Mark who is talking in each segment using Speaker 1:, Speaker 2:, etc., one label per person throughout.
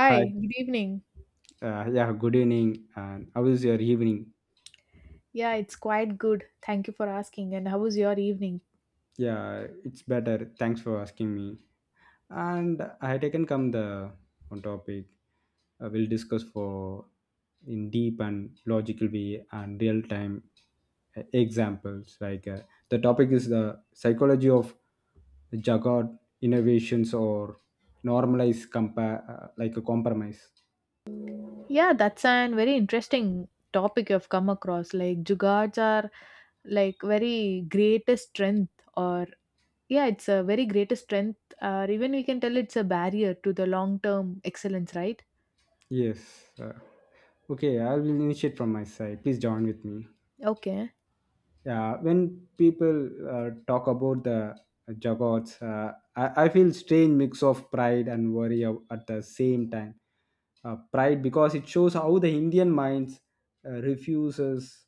Speaker 1: Hi.
Speaker 2: good evening.
Speaker 1: Yeah, good evening. And how is your evening?
Speaker 2: Yeah, it's quite good. Thank you for asking. And how was your evening?
Speaker 1: Yeah, it's better. Thanks for asking me. And I had taken come the one topic we'll discuss for in deep and logical way and real time examples. The topic is the psychology of Jagged innovations or normalize compare like a compromise.
Speaker 2: Yeah, that's an very interesting topic you've come across. Like jugards are like very greatest strength or yeah, it's a very greatest strength or even we can tell it's a barrier to the long-term excellence, right?
Speaker 1: Yes. Okay, I will initiate from my side. Please join with me.
Speaker 2: Okay.
Speaker 1: Yeah, when people talk about the jagots, I feel strange mix of pride and worry at the same time. Pride because it shows how the Indian minds refuses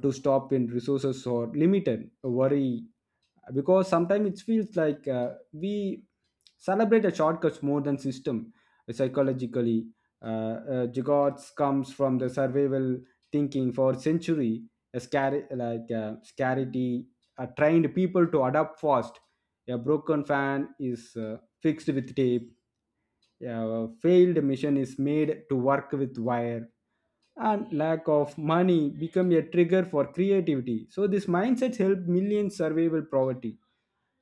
Speaker 1: to stop when resources or limited. Worry because sometimes it feels like we celebrate the shortcuts more than system psychologically. Jagots comes from the survival thinking for century a scary like scarcity trained people to adapt fast, a broken fan is fixed with tape, a failed mission is made to work with wire, and lack of money become a trigger for creativity. So this mindset helped millions survival poverty,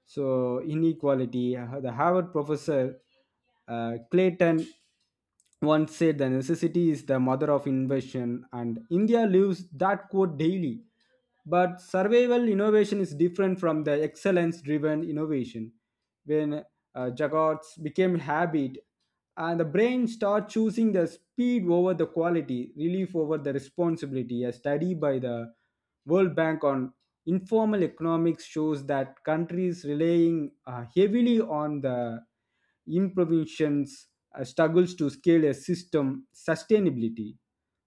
Speaker 1: so inequality. The harvard professor clayton one said the necessity is the mother of invention, and India lives that quote daily. But survival innovation is different from the excellence driven innovation. When juggauts became habit, and the brain starts choosing the speed over the quality, relief over the responsibility. A study by the World Bank on informal economics shows that countries relying heavily on the improvisations struggles to scale a system sustainability.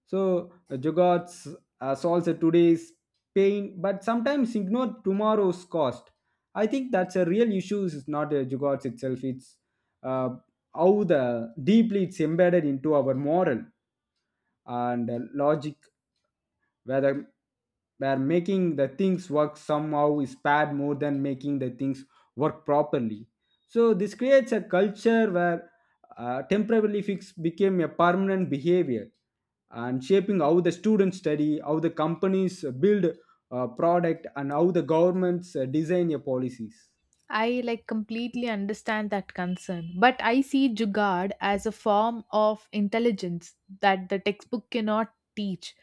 Speaker 1: So Jugaad solves the today's pain, but sometimes ignore tomorrow's cost. I think that's a real issue. It's not a Jugaad itself. It's uh, how the deeply it's embedded into our moral and logic, whether where making the things work somehow is bad more than making the things work properly. So this creates a culture where temporarily fix became a permanent behavior, and shaping how the students study, how the companies build a product, and how the governments design your policies.
Speaker 2: I like completely understand that concern, but I see Jugaad as a form of intelligence that the textbook cannot teach.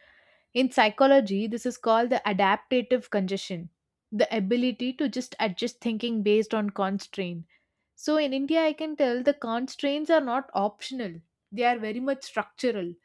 Speaker 2: In psychology, this is called the adaptative congestion, the ability to just adjust thinking based on constraints. So in India, I can tell the constraints are not optional, they are very much structural.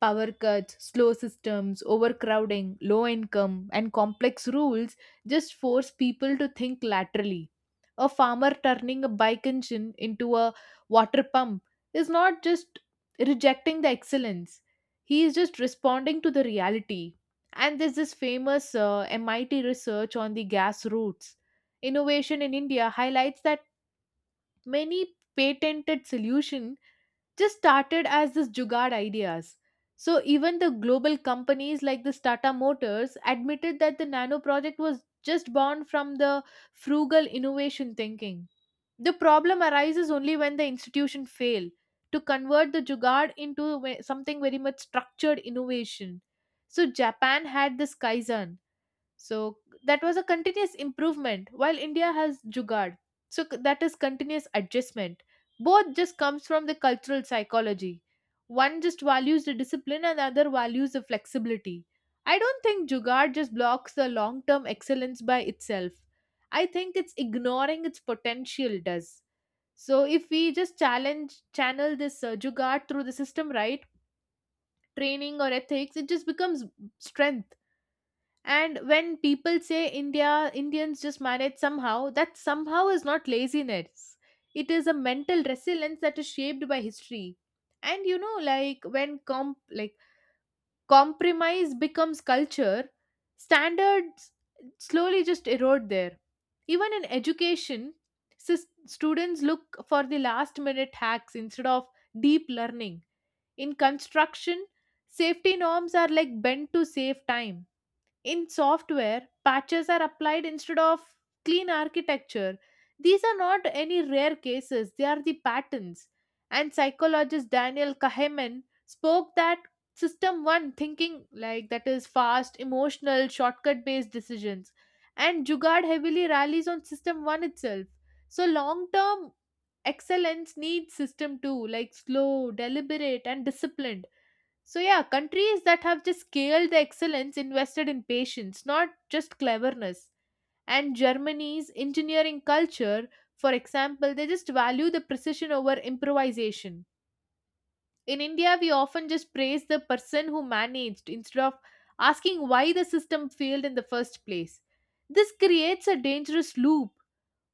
Speaker 2: Power cuts, slow systems, overcrowding, low income, and complex rules just force people to think laterally. A farmer turning a bike engine into a water pump is not just rejecting the excellence, he is just responding to the reality. And there's this famous MIT research on the gas routes innovation in India highlights that many patented solution just started as this jugaad ideas, so even the global companies like the tata motors admitted that the nano project was just born from the frugal innovation thinking. The problem arises only when the institution fail to convert the jugaad into something very much structured innovation. So japan had this kaizen, so that was a continuous improvement while India has jugaad. So that is continuous adjustment. Both just comes from the cultural psychology. One just values the discipline and other values the flexibility. I don't think jugaad just blocks the long-term excellence by itself. I think it's ignoring its potential does. So if we just challenge channel this jugaad through the system right training or ethics, it just becomes strength. And when people say India, Indians just manage somehow, that somehow is not laziness. It is a mental resilience that is shaped by history. And you know, like when compromise becomes culture, standards slowly just erode there. Even in education, students look for the last minute hacks instead of deep learning. In construction, safety norms are like bent to save time, in software, patches are applied instead of clean architecture. These are not any rare cases, they are the patterns. And psychologist Daniel Kahneman spoke that system one thinking, like that is fast, emotional, shortcut based decisions. And Jugad heavily rallies on system one itself. So, long term excellence needs system two, like slow, deliberate, and disciplined. So, yeah, countries that have just scaled the excellence invested in patience, not just cleverness. And Germany's engineering culture, for example, they just value the precision over improvisation. In India, we often just praise the person who managed instead of asking why the system failed in the first place. This creates a dangerous loop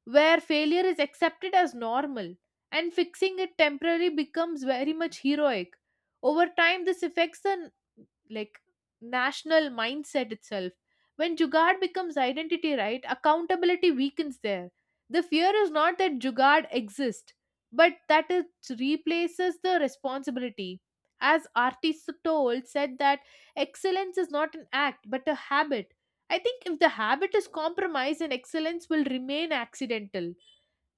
Speaker 2: where failure is accepted as normal and fixing it temporarily becomes very much heroic. Over time this affects the like national mindset itself. When jugad becomes identity, right, accountability weakens there. The fear is not that jugad exists but that it replaces the responsibility. As artist told said that excellence is not an act but a habit. I think if the habit is compromised, then excellence will remain accidental.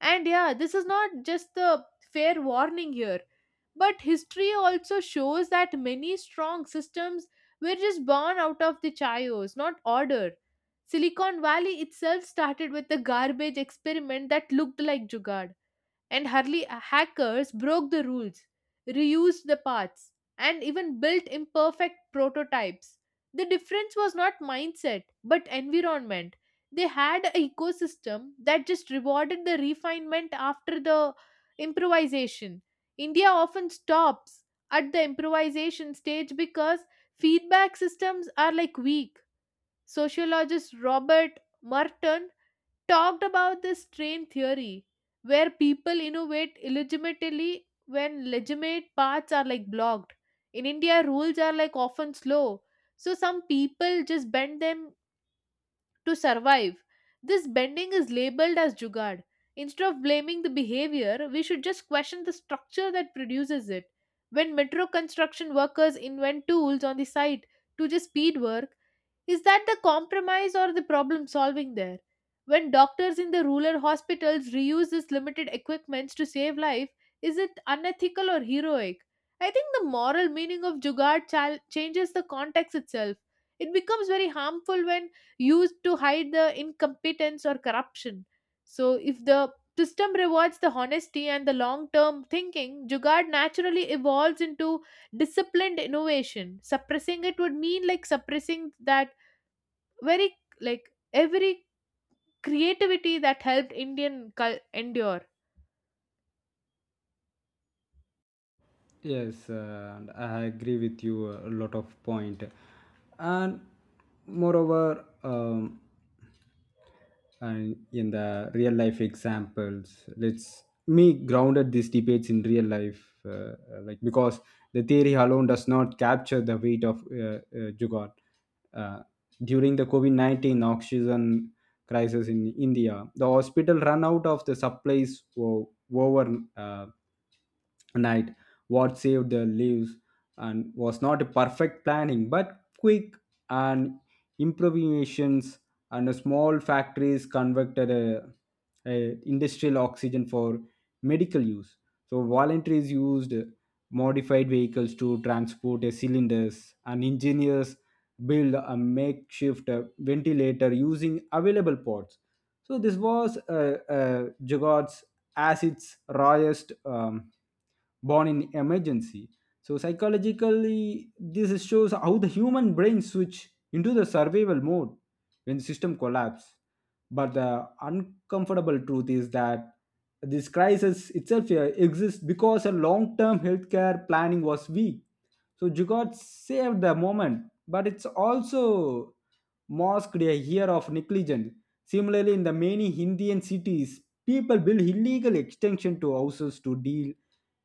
Speaker 2: And yeah, this is not just the fair warning here, but history also shows that many strong systems were just born out of the chaos, not order. Silicon Valley itself started with a garbage experiment that looked like Jugad. And early hackers broke the rules, reused the parts, and even built imperfect prototypes. The difference was not mindset, but environment. They had an ecosystem that just rewarded the refinement after the improvisation. India often stops at the improvisation stage because feedback systems are like weak. Sociologist Robert Merton talked about this train theory where people innovate illegitimately when legitimate paths are like blocked. In India, rules are like often slow, so some people just bend them to survive. This bending is labeled as jugad. Instead of blaming the behavior, we should just question the structure that produces it. When metro construction workers invent tools on the site to just speed work, is that the compromise or the problem solving there? When doctors in the rural hospitals reuse this limited equipment to save life, is it unethical or heroic? I think the moral meaning of Jugaad changes the context itself. It becomes very harmful when used to hide the incompetence or corruption. So, if the system rewards the honesty and the long term thinking, Jugaad naturally evolves into disciplined innovation, suppressing it would mean like suppressing that very like every creativity that helped endure.
Speaker 1: Yes, and I agree with you a lot of point, and moreover, and in the real life examples, let's me grounded these debates in real life, like because the theory alone does not capture the weight of jugaad uh, during the covid-19 oxygen crisis in india. The hospital ran out of the supplies over uh, night. What saved their lives and was not a perfect planning but quick and improvisations, and small factories converted a industrial oxygen for medical use. So voluntaries used modified vehicles to transport a cylinders, and engineers build a makeshift ventilator using available parts. So this was Jagod's as its rawest, born in emergency. So psychologically, this shows how the human brain switch into the survival mode when the system collapse. But the uncomfortable truth is that this crisis itself exists because a long-term healthcare planning was weak. So Jugaad saved the moment, but it's also masked a year of negligence. Similarly, in the many Indian cities, people build illegal extension to houses to deal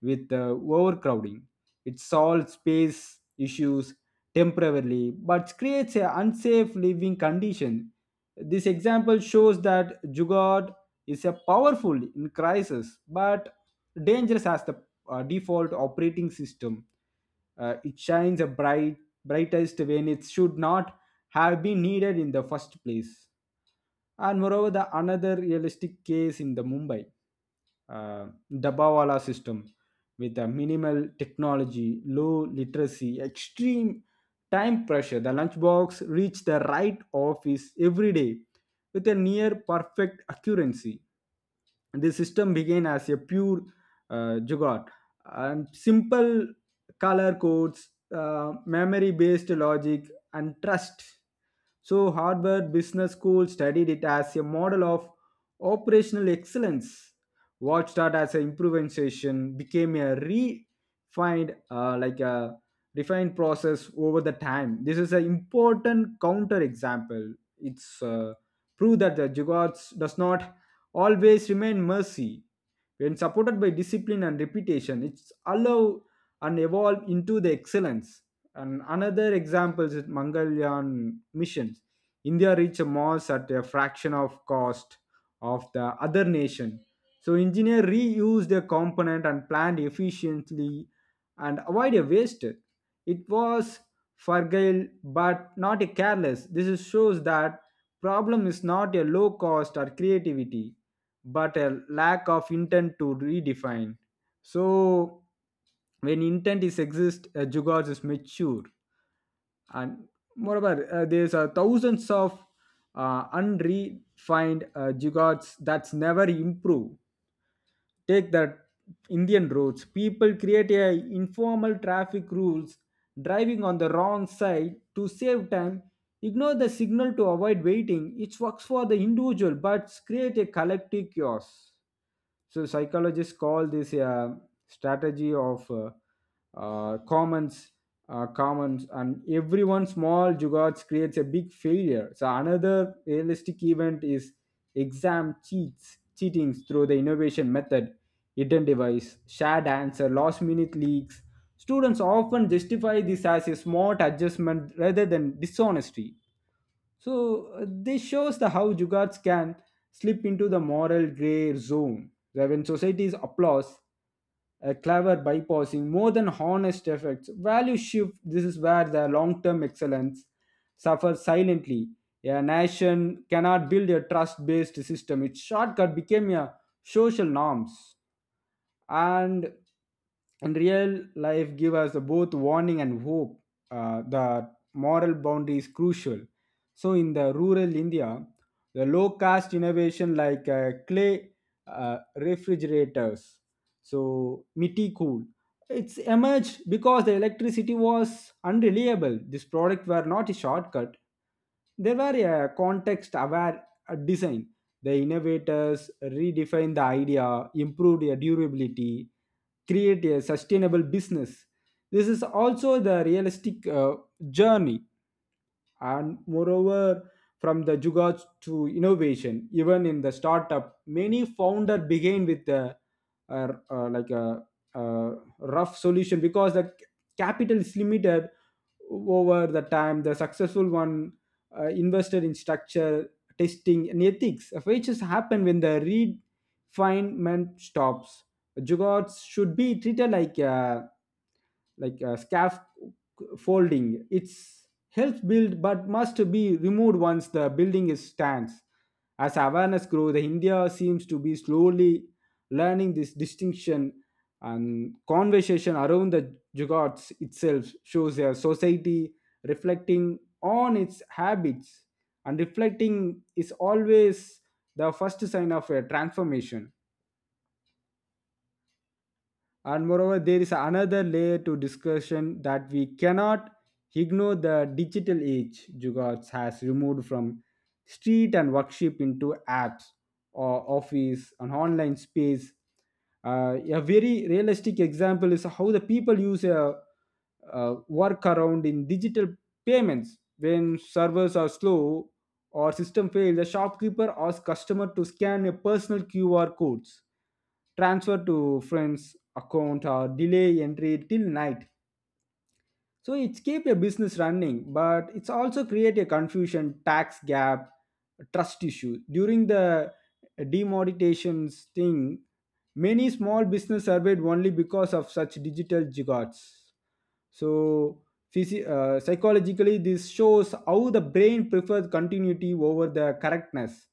Speaker 1: with overcrowding. It solves space issues temporarily, but creates an unsafe living condition. This example shows that Jugaad is a powerful in crisis, but dangerous as the default operating system. It shines a brightest when it should not have been needed in the first place. And moreover, the another realistic case in the Mumbai Dabawala system with a minimal technology, low literacy, extreme time pressure. The lunchbox reached the right office every day with a near perfect accuracy. The system began as a pure jugaad: and simple color codes, memory based logic, and trust. So, Harvard Business School studied it as a model of operational excellence. What started as an improvisation became a refined, like a refined process over the time. This is an important counter example. It's proof that the jugards does not always remain mercy. When supported by discipline and reputation, it's allow and evolve into the excellence. And another example is Mangalyaan missions. India reached Mars at a fraction of cost of the other nation. So engineer reused a component and planned efficiently and avoid a waste. It was fragile but not a careless. Shows that problem is not a low cost or creativity but a lack of intent to redefine. So when intent is exist, Jugaad is mature. And moreover, there's thousands of unrefined Jugaads that's never improve. Take the Indian roads. People create a informal traffic rules, driving on the wrong side to save time. Ignore the signal to avoid waiting. It works for the individual, but create a collective chaos. So psychologists call this a strategy of commons, commons, and everyone small jugards creates a big failure. So another realistic event is exam cheatings through the innovation method, hidden device, shared answer, last minute leaks. Students often justify this as a smart adjustment rather than dishonesty. So this shows the how jugards can slip into the moral grey zone, where when society's applause, a clever bypassing more than honest effects, value shift. This is where the long-term excellence suffers silently. A nation cannot build a trust-based system. Its shortcut became a social norms, and in real life give us both warning and hope. The moral boundary is crucial. So in the rural india, the low caste innovation like clay refrigerators, so miti cool, it's emerged because the electricity was unreliable. These products were not a shortcut, they were a context aware design. The innovators redefined the idea, improved the durability, create a sustainable business. This is also the realistic journey, and moreover from the jugaad to innovation. Even in the startup, many founder begin with a- a- like a, a rough solution because the capital is limited. Over the time, the successful one invested in structure, testing and ethics, which has happened when the refinement stops. Jugaad should be treated like a scaffolding. It's helps build but must be removed once the building is stands. As awareness grows, India seems to be slowly learning this distinction, and conversation around the jugots itself shows a society reflecting on its habits, and reflecting is always the first sign of a transformation. And moreover, there is another layer to discussion that we cannot ignore. The digital age jugards has removed from street and workshop into apps or office and online space. A very realistic example is how the people use a workaround in digital payments when servers are slow or system fail. The shopkeeper asks customer to scan a personal QR codes, transfer to friends account or delay entry till night. So it's keep a business running, but it's also create a confusion, tax gap, trust issue. During the demonetizations thing, many small business surveyed only because of such digital gigots. So, psychologically, this shows how the brain prefers continuity over the correctness.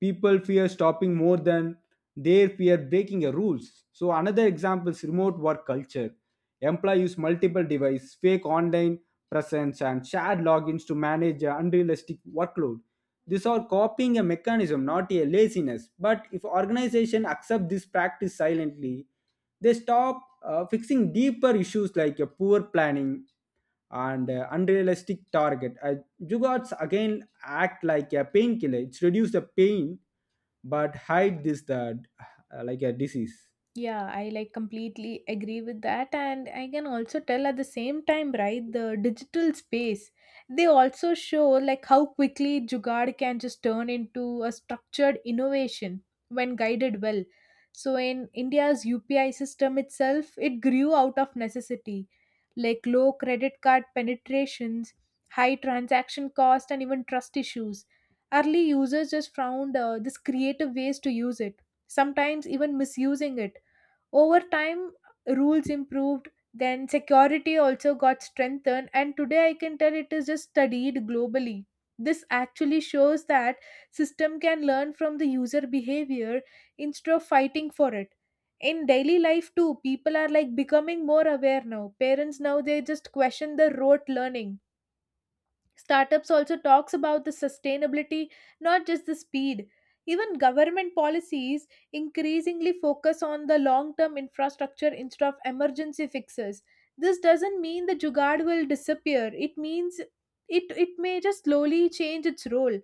Speaker 1: People fear stopping more than they fear breaking the rules. So, another example is remote work culture. Employees use multiple devices, fake online presence, and shared logins to manage a unrealistic workload. These are copying a mechanism, not a laziness. But if organization accept this practice silently, they stop fixing deeper issues like poor planning and unrealistic target. Jugards again act like a painkiller. It's reduce the pain but hide this the like a disease.
Speaker 2: Yeah, I like completely agree with that. And I can also tell at the same time, right, the digital space, they also show like how quickly Jugaad can just turn into a structured innovation when guided well. So in India's UPI system itself, it grew out of necessity, like low credit card penetrations, high transaction cost, and even trust issues. Early users just found this creative ways to use it, sometimes even misusing it. Over time, rules improved, then security also got strengthened, and today I can tell it is just studied globally. This actually shows that system can learn from the user behavior instead of fighting for it. In daily life too, people are like becoming more aware now. Parents now they just question the rote learning, startups also talks about the sustainability not just the speed. Even government policies increasingly focus on the long term infrastructure instead of emergency fixes. This doesn't mean the jugaad will disappear, it means it may just slowly change its role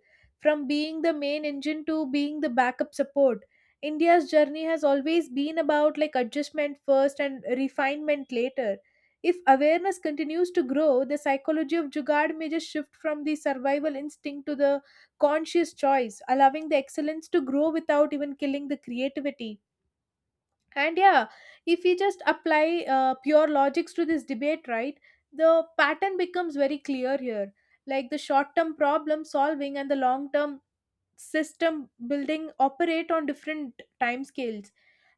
Speaker 2: from being the main engine to being the backup support. India's journey has always been about like adjustment first and refinement later. If awareness continues to grow, the psychology of Jugaad may just shift from the survival instinct to the conscious choice, allowing the excellence to grow without even killing the creativity. And yeah, if we just apply pure logics to this debate, right, the pattern becomes very clear here. Like the short term problem solving and the long term system building operate on different time scales.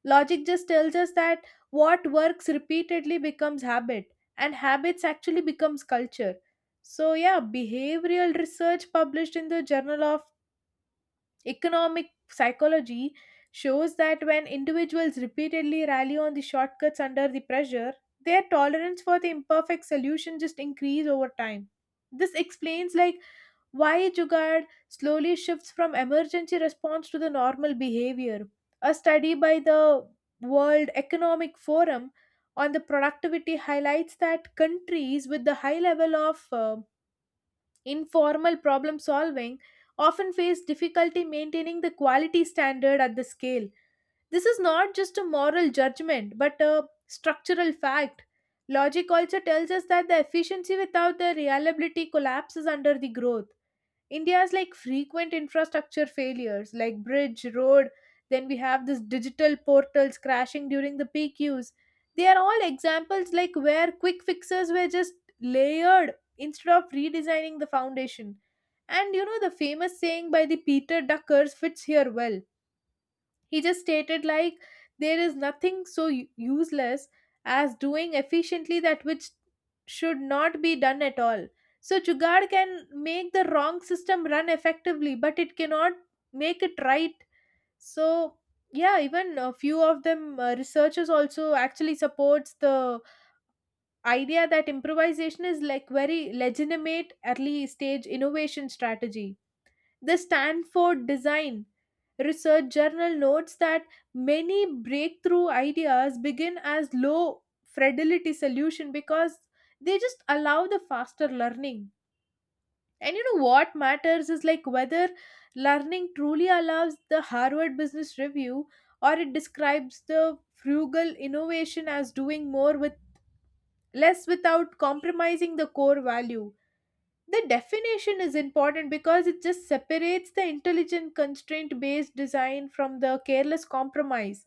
Speaker 2: Logic just tells us that what works repeatedly becomes habit, and habits actually becomes culture. So yeah, behavioral research published in the Journal of Economic Psychology shows that when individuals repeatedly rally on the shortcuts under the pressure, their tolerance for the imperfect solution just increase over time. This explains like why Jugaad slowly shifts from emergency response to the normal behavior. A study by the World Economic Forum on the productivity highlights that countries with the high level of informal problem solving often face difficulty maintaining the quality standard at the scale. This is not just a moral judgment but a structural fact. Logic also tells us that the efficiency without the reliability collapses under the growth. India's like frequent infrastructure failures, like bridge, road, then we have this digital portals crashing during the peak use. They are all examples like where quick fixes were just layered instead of redesigning the foundation. And you know, the famous saying by the Peter Duckers fits here well, he just stated like there is nothing so useless as doing efficiently that which should not be done at all. So Jugaad can make the wrong system run effectively, but it cannot make it right. So yeah, even a few of them researchers also actually supports the idea that improvisation is like very legitimate early stage innovation strategy. The Stanford Design Research Journal notes that many breakthrough ideas begin as low fidelity solution because they just allow the faster learning. And you know what matters is like whether learning truly allows the Harvard Business Review, or it describes the frugal innovation as doing more with less without compromising the core value. The definition is important because it just separates the intelligent constraint based design from the careless compromise.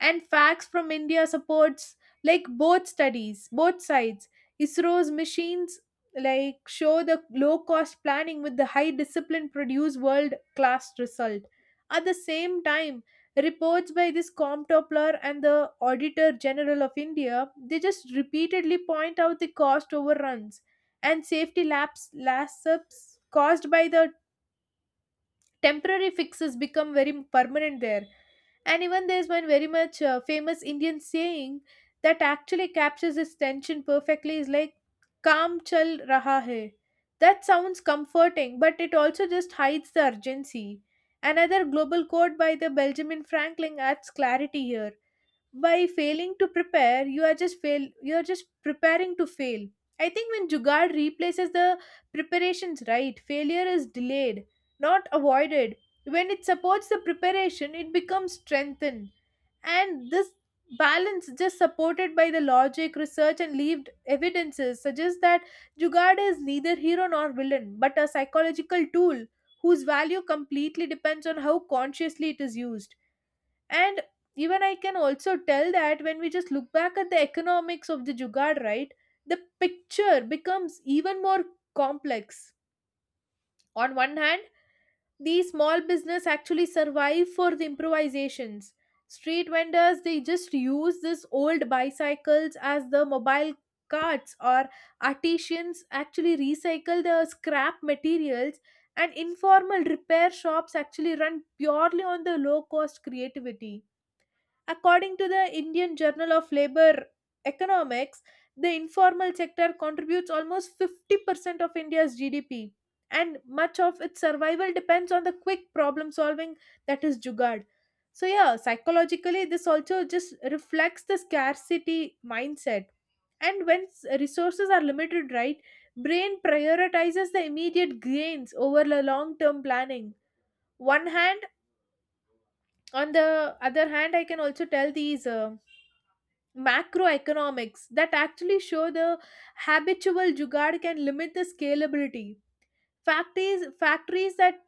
Speaker 2: And facts from india supports like both studies both sides. Isro's machines like show the low cost planning with the high discipline produce world class result. At the same time, reports by this comptopler and the auditor general of india, they just repeatedly point out the cost overruns and safety lapses caused by the temporary fixes become very permanent there. And even there's one very much famous Indian saying that actually captures this tension perfectly is like, Kaam chal raha hai. That sounds comforting, but it also just hides the urgency. Another global quote by the Benjamin Franklin adds clarity here, by failing to prepare you are just preparing to fail. I think when jugaad replaces the preparations, right, failure is delayed not avoided. When it supports the preparation it becomes strengthened. And this balance just supported by the logic research and lived evidences suggests that jugaad is neither hero nor villain but a psychological tool whose value completely depends on how consciously it is used. And even I can also tell that when we just look back at the economics of the Jugaad, right, the picture becomes even more complex. On one hand, these small business actually survive for the improvisations. Street vendors they just use these old bicycles as the mobile carts, or artisans actually recycle the scrap materials, and informal repair shops actually run purely on the low cost creativity. According to the Indian Journal of Labor Economics, the informal sector contributes almost 50% of India's GDP, and much of its survival depends on the quick problem solving that is Jugad. So, yeah, psychologically, this also just reflects the scarcity mindset. And when resources are limited, right, brain prioritizes the immediate gains over the long term planning. One hand, on the other hand, I can also tell these. Macroeconomics that actually show the habitual jugaad can limit the scalability. Factories that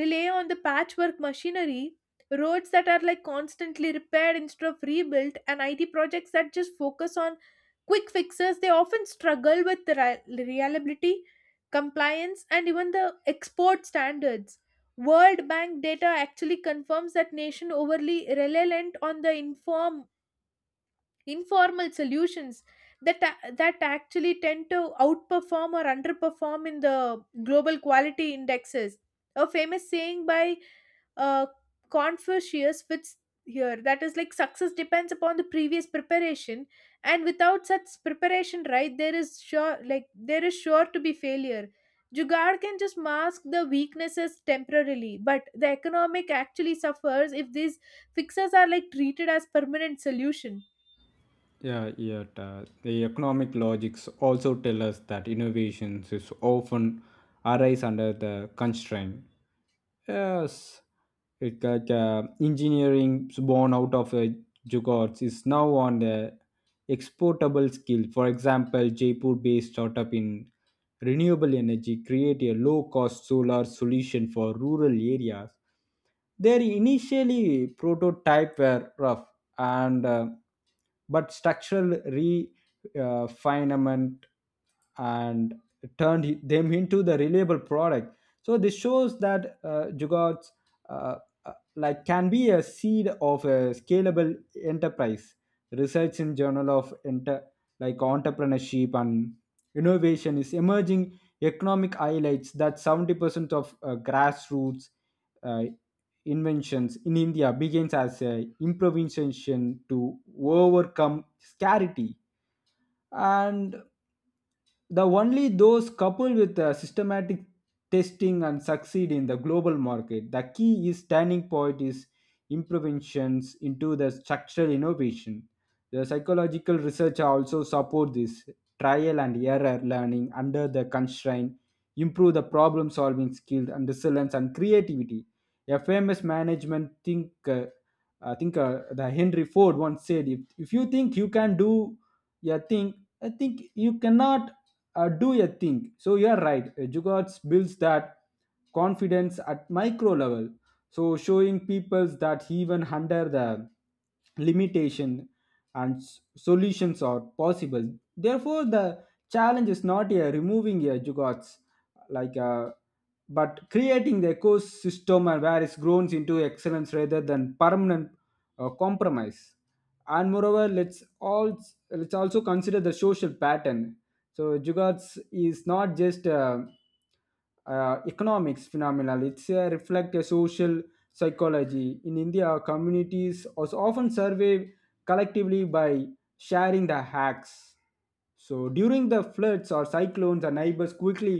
Speaker 2: rely on the patchwork machinery, roads that are like constantly repaired instead of rebuilt, and IT projects that just focus on quick fixes, they often struggle with the reliability, compliance, and even the export standards. World Bank data actually confirms that nation overly reliant on the informal solutions that actually tend to outperform or underperform in the global quality indexes. A famous saying by uh, confucius fits here, that is like success depends upon the previous preparation, and without such preparation, right, there is sure to be failure. Jugaad can just mask the weaknesses temporarily but the economic actually suffers if these fixes are like treated as permanent solution.
Speaker 1: Yeah, yet the economic logics also tell us that innovations is often arise under the constraint. Yes, it, like engineering born out of Jugards is now on the exportable skill. For example, Jaipur-based startup in renewable energy create a low-cost solar solution for rural areas. Their initially prototype were rough and but structural refinement and turned them into the reliable product. So this shows that Jugaad's uh, can be a seed of a scalable enterprise. Research in Journal of Enter like entrepreneurship and innovation is emerging economic highlights that 70% of grassroots uh, inventions in India begins as a improvisation to overcome scarcity, and the only those coupled with systematic testing and succeed in the global market. The key is turning point is interventions into the structural innovation. The psychological research also support this trial and error learning under the constraint, improve the problem solving skills and resilience and creativity. A famous management think I think the Henry Ford once said, if you think you can do a thing, I think you cannot do a thing. So you are right. Jugards builds that confidence at micro level. So showing peoples that even under the limitation and solutions are possible. Therefore, the challenge is not a removing a jugards like a, but creating the ecosystem where it grows into excellence rather than permanent compromise. And moreover, let's also consider the social pattern. So jugards is not just economics phenomenon, it's a reflect a social psychology in india communities also often survey collectively by sharing the hacks. So during the floods or cyclones, the neighbors quickly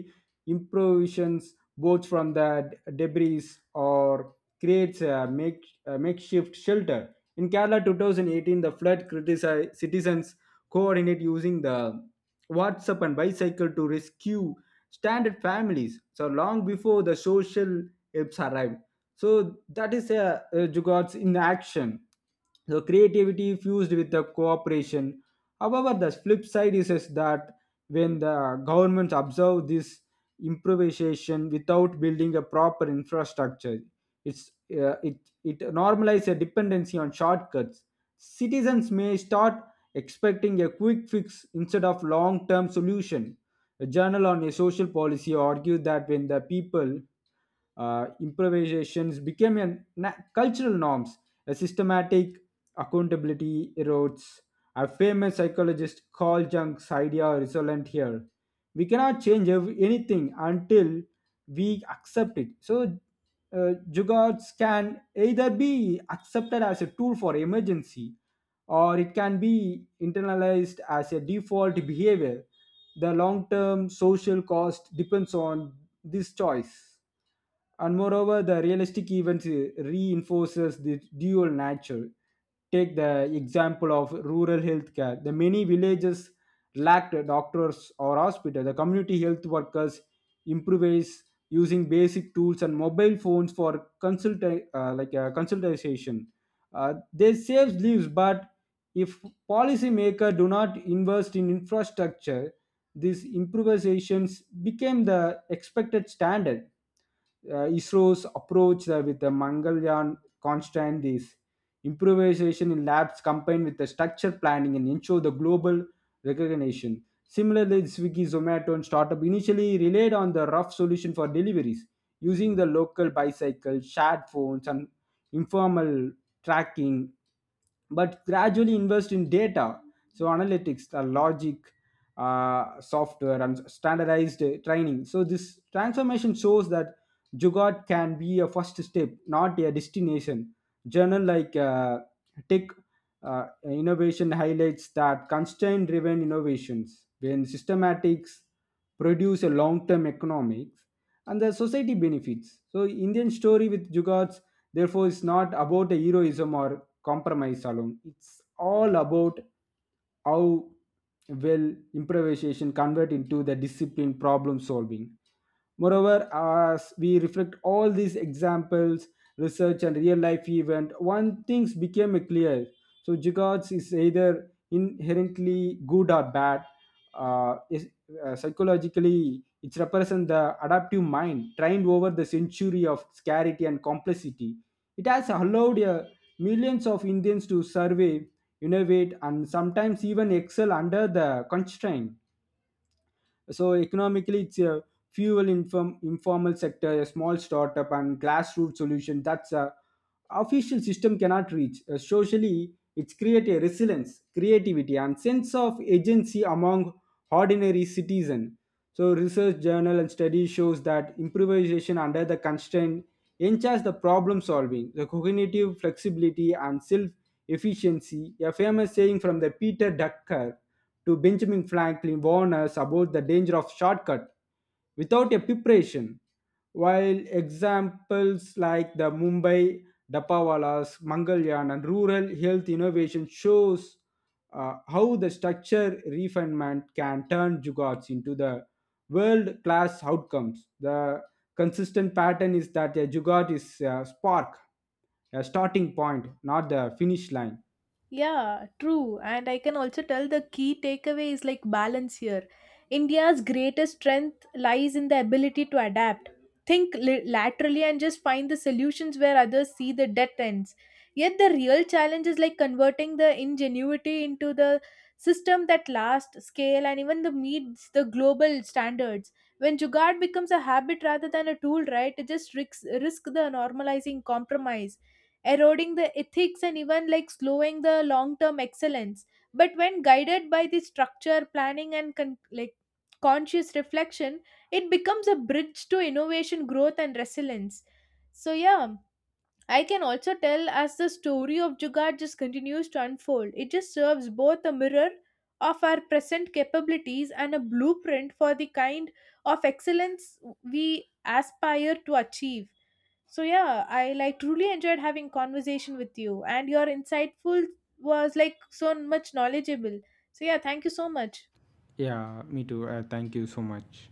Speaker 1: improvisations both from the debris or creates a, make, a makeshift shelter. In Kerala 2018, the flood criticized citizens coordinate using the WhatsApp and bicycle to rescue stranded families. So long before the social apps arrived. So that is a Jugod's in action. So creativity fused with the cooperation. However, the flip side is that when the governments observe this improvisation without building a proper infrastructure, it's, uh, it, it normalizes a dependency on shortcuts. Citizens may start expecting a quick fix instead of long-term solution. A journal on a social policy argued that when the people improvisations became a cultural norms. A systematic accountability erodes. A famous psychologist Carl Jung's idea resilient here. We cannot change anything until we accept it. So, jugards can either be accepted as a tool for emergency, or it can be internalized as a default behavior. The long term social cost depends on this choice. And moreover, the realistic events reinforces this dual nature. Take the example of rural healthcare. The many villages lacked doctors or hospital, the community health workers improvise using basic tools and mobile phones for consultation. uh, they saves lives, but if policymakers do not invest in infrastructure, these improvisations became the expected standard. ISRO's approach with the Mangalyaan constant is improvisation in labs combined with the structure planning and ensure the global recognition. Similarly, Swiggy, Zomato, and startup initially relied on the rough solution for deliveries using the local bicycle, shared phones, and informal tracking, but gradually invest in data, so analytics, the logic, software, and standardized training. So this transformation shows that Jugaad can be a first step, not a destination. Journal like Tech Innovation highlights that constraint-driven innovations, when systematics produce a long-term economics, and the society benefits. So Indian story with Jugaads, therefore, is not about a heroism or compromise alone. It's all about how will improvisation convert into the discipline problem solving. Moreover, as we reflect all these examples, research and real life event, one things became clear. So Jigots is either inherently good or bad. Uh, is, Psychologically, it represents the adaptive mind trained over the century of scarcity and complexity. It has allowed millions of Indians to survive, innovate, and sometimes even excel under the constraint. So economically, it's a informal sector, a small startup, and grassroots solution. That's a official system cannot reach. Socially, it's create a resilience, creativity, and sense of agency among ordinary citizen. So research journal and study shows that improvisation under the constraint enhances the problem solving, the cognitive flexibility and self-efficiency. A famous saying from the Peter Drucker to Benjamin Franklin warns us about the danger of shortcut without a preparation. While examples like the Mumbai Dapawalas, Mangalyaan, and rural health innovation shows how the structure refinement can turn jugards into the world class outcomes. The consistent pattern is that a Jugaad is a spark, a starting point, not the finish line.
Speaker 2: Yeah, true. And I can also tell the key takeaway is like balance here. India's greatest strength lies in the ability to adapt, think laterally, and just find the solutions where others see the dead ends. Yet the real challenge is like converting the ingenuity into the system that lasts, scale, and even the meets the global standards. When Jugad becomes a habit rather than a tool, right, it just risks the normalizing compromise, eroding the ethics and even like slowing the long term excellence. But when guided by the structure planning and conscious reflection it becomes a bridge to innovation growth and resilience. So yeah, I can also tell as the story of jugaad just continues to unfold, it just serves both a mirror of our present capabilities and a blueprint for the kind of excellence we aspire to achieve. So yeah, I like truly enjoyed having conversation with you and your insightful was like so much knowledgeable. So yeah, thank you so much.
Speaker 1: Yeah, me too. Thank you so much.